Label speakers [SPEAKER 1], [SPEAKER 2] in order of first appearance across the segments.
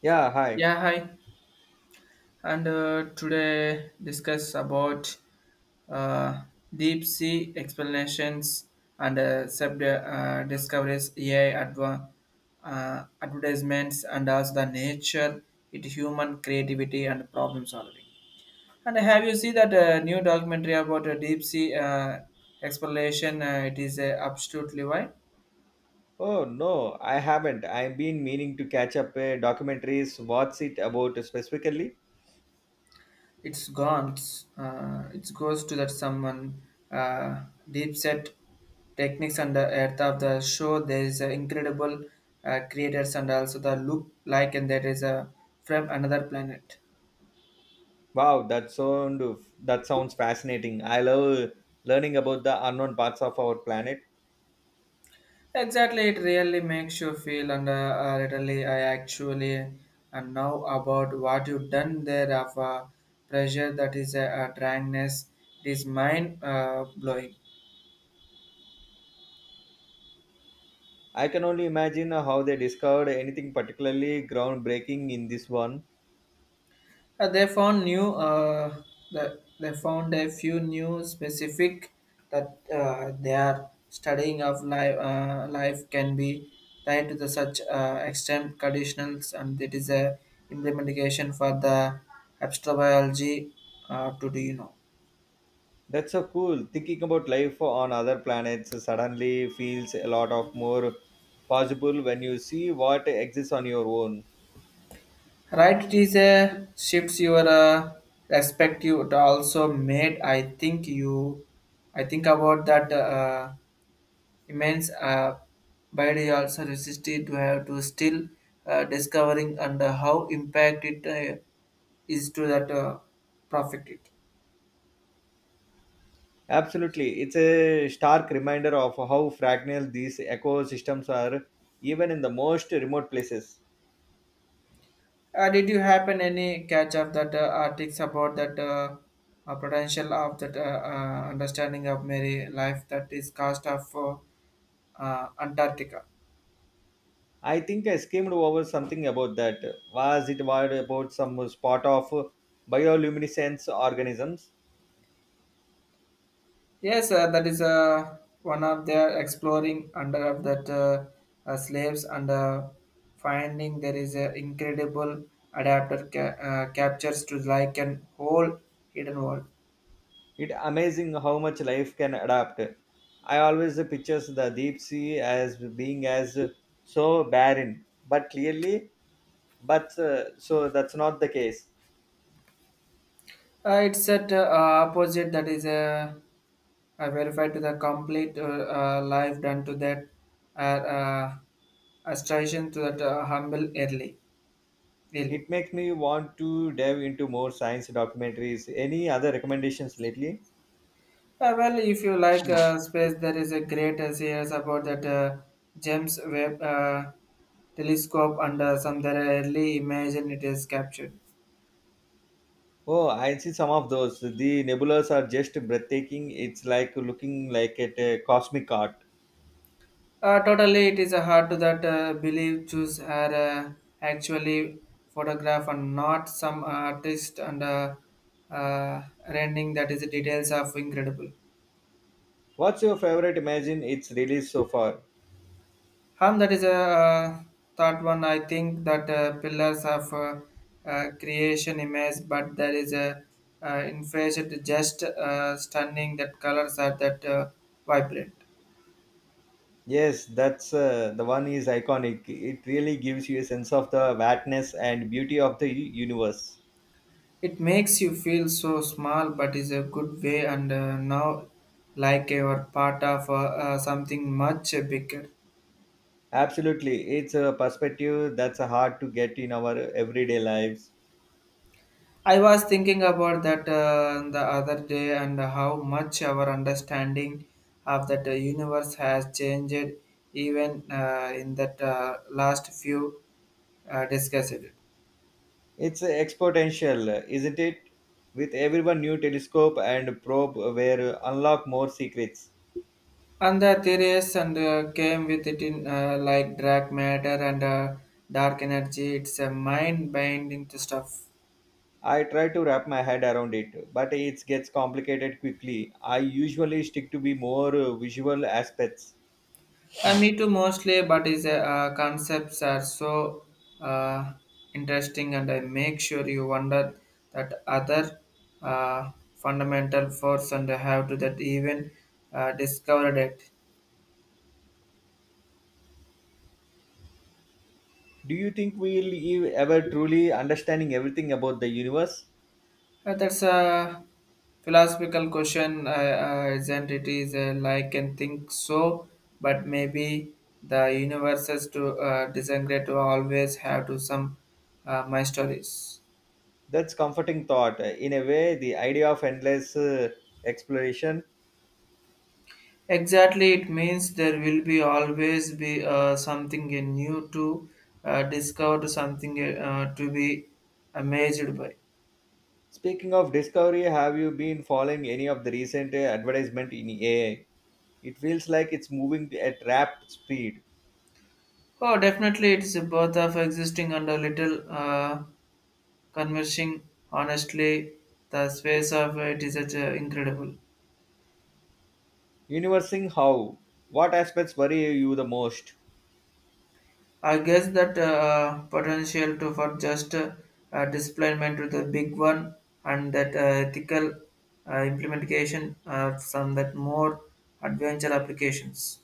[SPEAKER 1] Yeah, hi.
[SPEAKER 2] Yeah, hi. And today discuss about uh, deep sea explanations and sub discoveries, AI advertisements, and as the nature, it human creativity and problem solving. And have you seen that new documentary about deep sea exploration? It is absolutely why.
[SPEAKER 1] Oh no, I haven't. I've been meaning to catch up documentaries. What's it about specifically?
[SPEAKER 2] It's guns. It goes to that someone uh, deep set techniques and the earth of the show. There is an incredible creators and also the look like and there is a from another planet.
[SPEAKER 1] Wow, that sound that sounds fascinating. I love learning about the unknown parts of our planet.
[SPEAKER 2] Exactly, it really makes you feel and literally I actually and now about what you've done there of pressure that is a dryness. It is mind blowing.
[SPEAKER 1] I can only imagine how they discovered anything particularly groundbreaking in this one.
[SPEAKER 2] They found new. They found a few new specific that they are studying of life. Life can be tied to the such extent conditionals, and it is a implementation for the astrobiology. To do you know?
[SPEAKER 1] That's so cool. Thinking about life on other planets suddenly feels a lot of more possible when you see what exists on your own.
[SPEAKER 2] Right, it is a shifts your respect. You it also made. I think you. I think about that. Immense body also resisted to have to still discovering and how impact it is to that profit it.
[SPEAKER 1] Absolutely. It's a stark reminder of how fragile these ecosystems are, even in the most remote places.
[SPEAKER 2] Did you happen any catch of that articles about that potential of that understanding of Mary life that is cost of Antarctica?
[SPEAKER 1] I think I skimmed over something about that. Was it what about some spot of bioluminescence organisms?
[SPEAKER 2] Yes, that is one of their exploring under of that slaves and finding there is an incredible adapter captures to like an whole hidden world.
[SPEAKER 1] It's amazing how much life can adapt. I always pictures the deep sea as being as so barren, but clearly, but so that's not the case.
[SPEAKER 2] It's at opposite that is verified to the complete life done to that uh, uh, assertion to that humble early. Early.
[SPEAKER 1] It makes me want to dive into more science documentaries. Any other recommendations lately?
[SPEAKER 2] Well, if you like space, there is a great series about that James Webb telescope and some that early imagine it is captured.
[SPEAKER 1] Oh, I see some of those. The nebulas are just breathtaking. It's like looking like at a cosmic art.
[SPEAKER 2] Totally, it is hard to that believe choose are actually photograph and not some artist and rendering that is the details of incredible.
[SPEAKER 1] What's your favorite Imagine it's released so far?
[SPEAKER 2] That is a third one. I think that pillars of creation image, but there is a infrared just stunning that colors are that vibrant.
[SPEAKER 1] Yes, that's the one is iconic. It really gives you a sense of the vastness and beauty of the universe.
[SPEAKER 2] It makes you feel so small, but is a good way and now like you are part of something much bigger.
[SPEAKER 1] Absolutely, it's a perspective that's hard to get in our everyday lives.
[SPEAKER 2] I was thinking about that the other day and how much our understanding of that universe has changed even in that last few discussed.
[SPEAKER 1] It's exponential, isn't it? With everyone new telescope and probe were unlock more secrets.
[SPEAKER 2] And the theories and came with it in like dark matter and dark energy. It's a mind-binding stuff.
[SPEAKER 1] I try to wrap my head around it, but it gets complicated quickly. I usually stick to be more visual aspects.
[SPEAKER 2] Me too, mostly, but is concepts are so uh, interesting, and I make sure you wonder that other uh, fundamental force and how to that even discovered it.
[SPEAKER 1] Do you think we'll ever truly understanding everything about the universe?
[SPEAKER 2] That's a philosophical question, isn't it? Is like and think so, but maybe the universes to disagree to always have to some my stories.
[SPEAKER 1] That's comforting thought. In a way, the idea of endless exploration.
[SPEAKER 2] Exactly, it means there will be always be something new to discover, something to be amazed by.
[SPEAKER 1] Speaking of discovery, have you been following any of the recent advertisement in AI? It feels like it's moving at rapid speed.
[SPEAKER 2] Oh, definitely, it's both of existing and a little conversing. Honestly, the space of it is such, incredible.
[SPEAKER 1] Universing how? What aspects worry you the most?
[SPEAKER 2] I guess that potential to for just displayment to the big one and that ethical implementation of some that more adventure applications.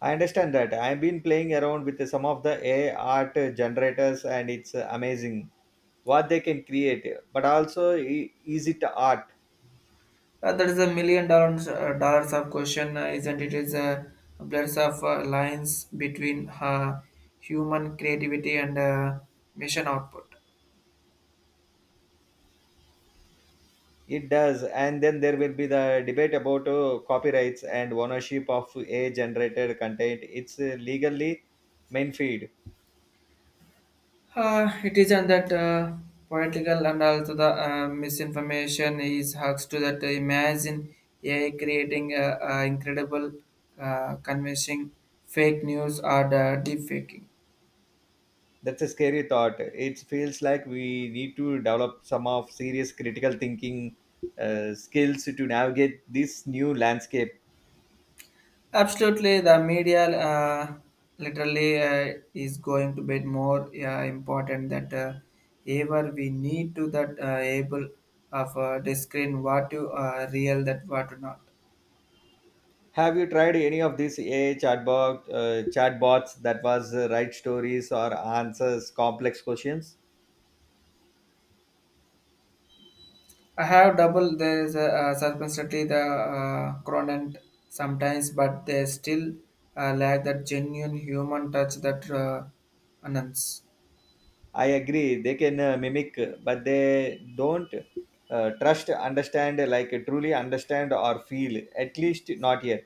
[SPEAKER 1] I understand that. I've been playing around with some of the AI art generators and it's amazing what they can create. But also, is it art?
[SPEAKER 2] That is a million dollars dollars of question, isn't it? Is a blurs of lines between human creativity and mission output.
[SPEAKER 1] It does. And then there will be the debate about copyrights and ownership of AI generated content. It's legally main feed.
[SPEAKER 2] It isn't that political and also the misinformation is hugs to that. Imagine AI creating incredible, convincing fake news or the deep faking.
[SPEAKER 1] That's a scary thought. It feels like we need to develop some of serious critical thinking skills to navigate this new landscape.
[SPEAKER 2] Absolutely, the media literally is going to be more important that ever we need to that able of discern what to real that what to not.
[SPEAKER 1] Have you tried any of these ai chatbot chatbots that was write stories or answers complex questions?
[SPEAKER 2] I have double there is a circumstantly the cronent sometimes, but they still lack that genuine human touch that announce.
[SPEAKER 1] I agree they can mimic, but they don't trust understand like truly understand or feel, at least not yet.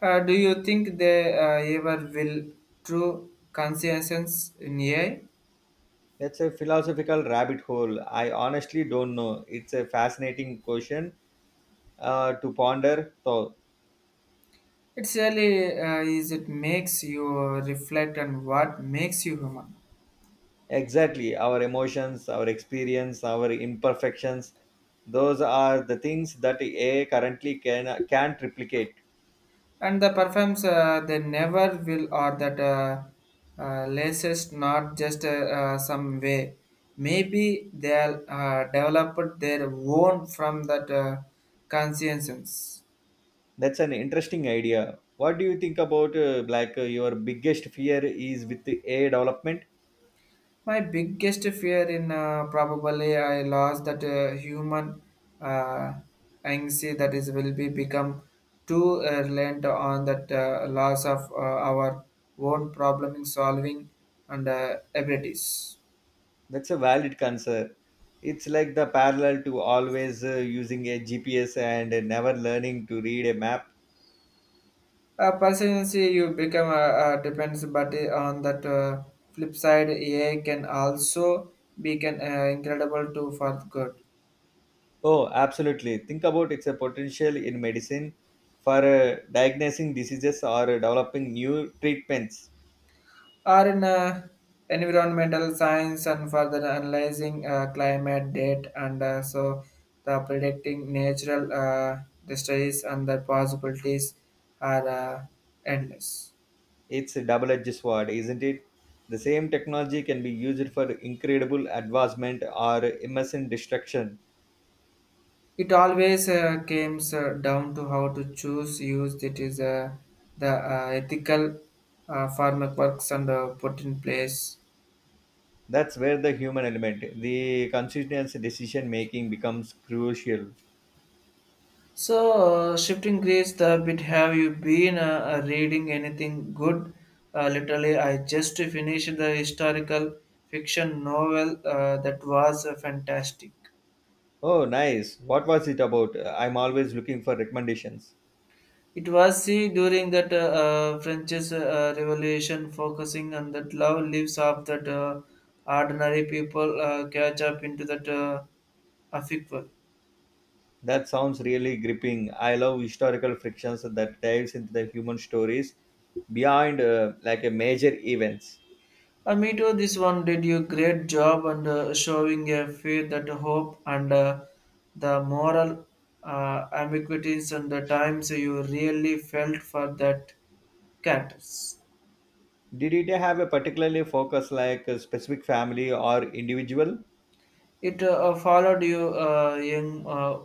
[SPEAKER 2] Do you think they ever will true conscience in AI?
[SPEAKER 1] That's a philosophical rabbit hole. I honestly don't know. It's a fascinating question to ponder so.
[SPEAKER 2] It really is. It makes you reflect on what makes you human,
[SPEAKER 1] Exactly, our emotions, our experience, our imperfections, those are the things that AI currently can't replicate.
[SPEAKER 2] and the perfumes they never will or that latest not just some way. Maybe they are developed their own from that conscience.
[SPEAKER 1] That's an interesting idea. What do you think about your biggest fear is with the AI development?
[SPEAKER 2] My biggest fear in probably I lost that human uh, anxiety that is will be become too reliant on that loss of our own problem solving and abilities.
[SPEAKER 1] That's a valid concern. It's like the parallel to always using a GPS and never learning to read a map.
[SPEAKER 2] Personally, you become depends, but on that flip side, AI can also be can incredible too for good
[SPEAKER 1] Oh, absolutely. Think about its potential in medicine for diagnosing diseases or developing new treatments.
[SPEAKER 2] or in environmental science and further analyzing climate data and so the predicting natural disasters and the possibilities are endless.
[SPEAKER 1] It's a double edged sword, isn't it? The same technology can be used for incredible advancement or immense destruction.
[SPEAKER 2] It always comes down to how to choose use that is the ethical frameworks and put in place.
[SPEAKER 1] That's where the human element, the conscientious decision making becomes crucial.
[SPEAKER 2] So, shifting gears a bit, have you been reading anything good? Literally, I just finished the historical fiction novel that was fantastic.
[SPEAKER 1] Oh, nice. What was it about? I'm always looking for recommendations.
[SPEAKER 2] It was see during that French's revolution, focusing on that love lives of that ordinary people catch up into that affect.
[SPEAKER 1] That sounds really gripping. I love historical frictions that dives into the human stories beyond like a major events.
[SPEAKER 2] Me too. This one did you great job and showing a faith that hope and the moral ambiguities and the times you really felt for that cat.
[SPEAKER 1] Did it have a particularly focus like a specific family or individual?
[SPEAKER 2] It followed you, young uh,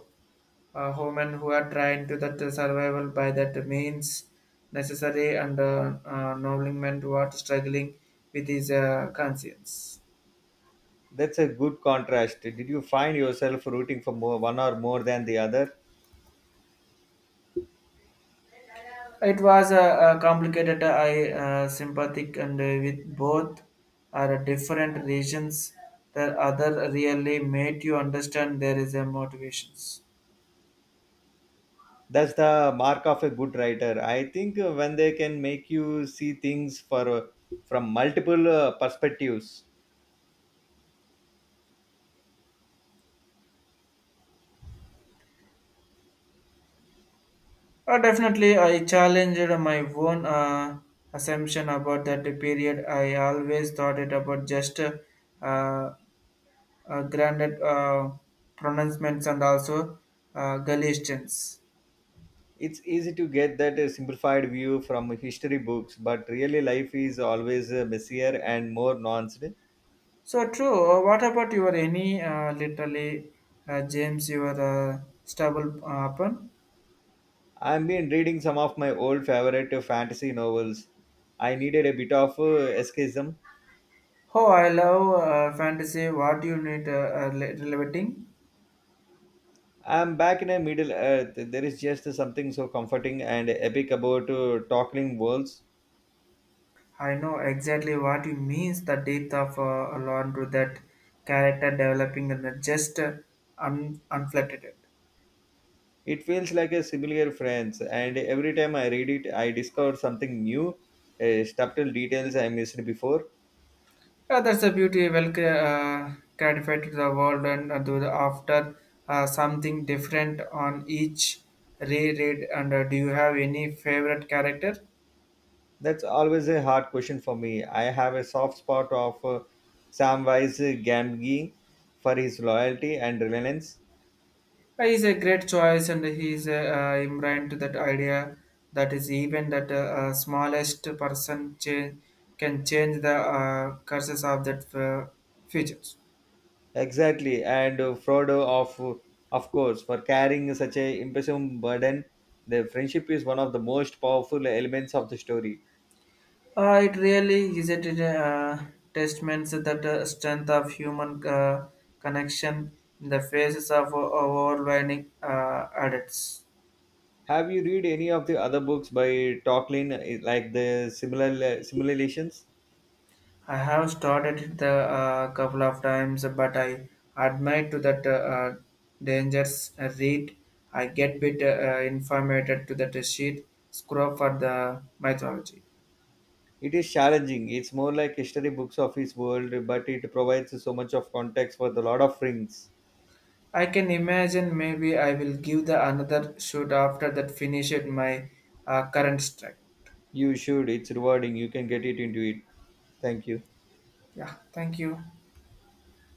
[SPEAKER 2] uh, woman who are trying to that survival by that means necessary and novelment what struggling with his conscience.
[SPEAKER 1] That's a good contrast. Did you find yourself rooting for more, one or more than the other?
[SPEAKER 2] It was a, complicated. I sympathetic and with both are different regions. The other really made you understand there is a motivations.
[SPEAKER 1] That's the mark of a good writer. I think when they can make you see things for from multiple perspectives.
[SPEAKER 2] Definitely, I challenged my own assumption about that period. I always thought it about just granted pronouncements and also Galatians.
[SPEAKER 1] It's easy to get that simplified view from history books, but really life is always messier and more nuanced.
[SPEAKER 2] So true. What about your any literally James your stubble upon?
[SPEAKER 1] I've been reading some of my old favorite fantasy novels. I needed a bit of escapism.
[SPEAKER 2] Oh, I love fantasy. What you need relevating?
[SPEAKER 1] I'm back in a Middle Earth. There is just something so comforting and epic about toppling worlds.
[SPEAKER 2] I know exactly what you means. The depth of learn to that character developing and the just unflattered.
[SPEAKER 1] It feels like a similar friends, and every time I read it, I discover something new, subtle details I missed before.
[SPEAKER 2] Yeah, that's a beauty. Well, gratified to the world and do the after something different on each reread. And do you have any favorite character?
[SPEAKER 1] That's always a hard question for me. I have a soft spot of Samwise Gamgee for his loyalty and reliance.
[SPEAKER 2] He's a great choice, and he's imbued to that idea that is even that smallest person change, can change the courses of that futures.
[SPEAKER 1] Exactly, and Frodo of course for carrying such a impressive burden. The friendship is one of the most powerful elements of the story.
[SPEAKER 2] It really is a uh, testament to that strength of human connection in the faces of overwhelming adults.
[SPEAKER 1] Have you read any of the other books by Tolkien, like the similar simulations?
[SPEAKER 2] I have started it a couple of times, but I admit to that dangers I read. I get bit informated to that sheet scroll for the mythology.
[SPEAKER 1] It is challenging. It's more like history books of his world, but it provides so much of context for the Lord of Rings.
[SPEAKER 2] I can imagine maybe I will give the another shoot after that finish it my current strike.
[SPEAKER 1] You should. It's rewarding. You can get it into it. Thank you.
[SPEAKER 2] Yeah, thank you.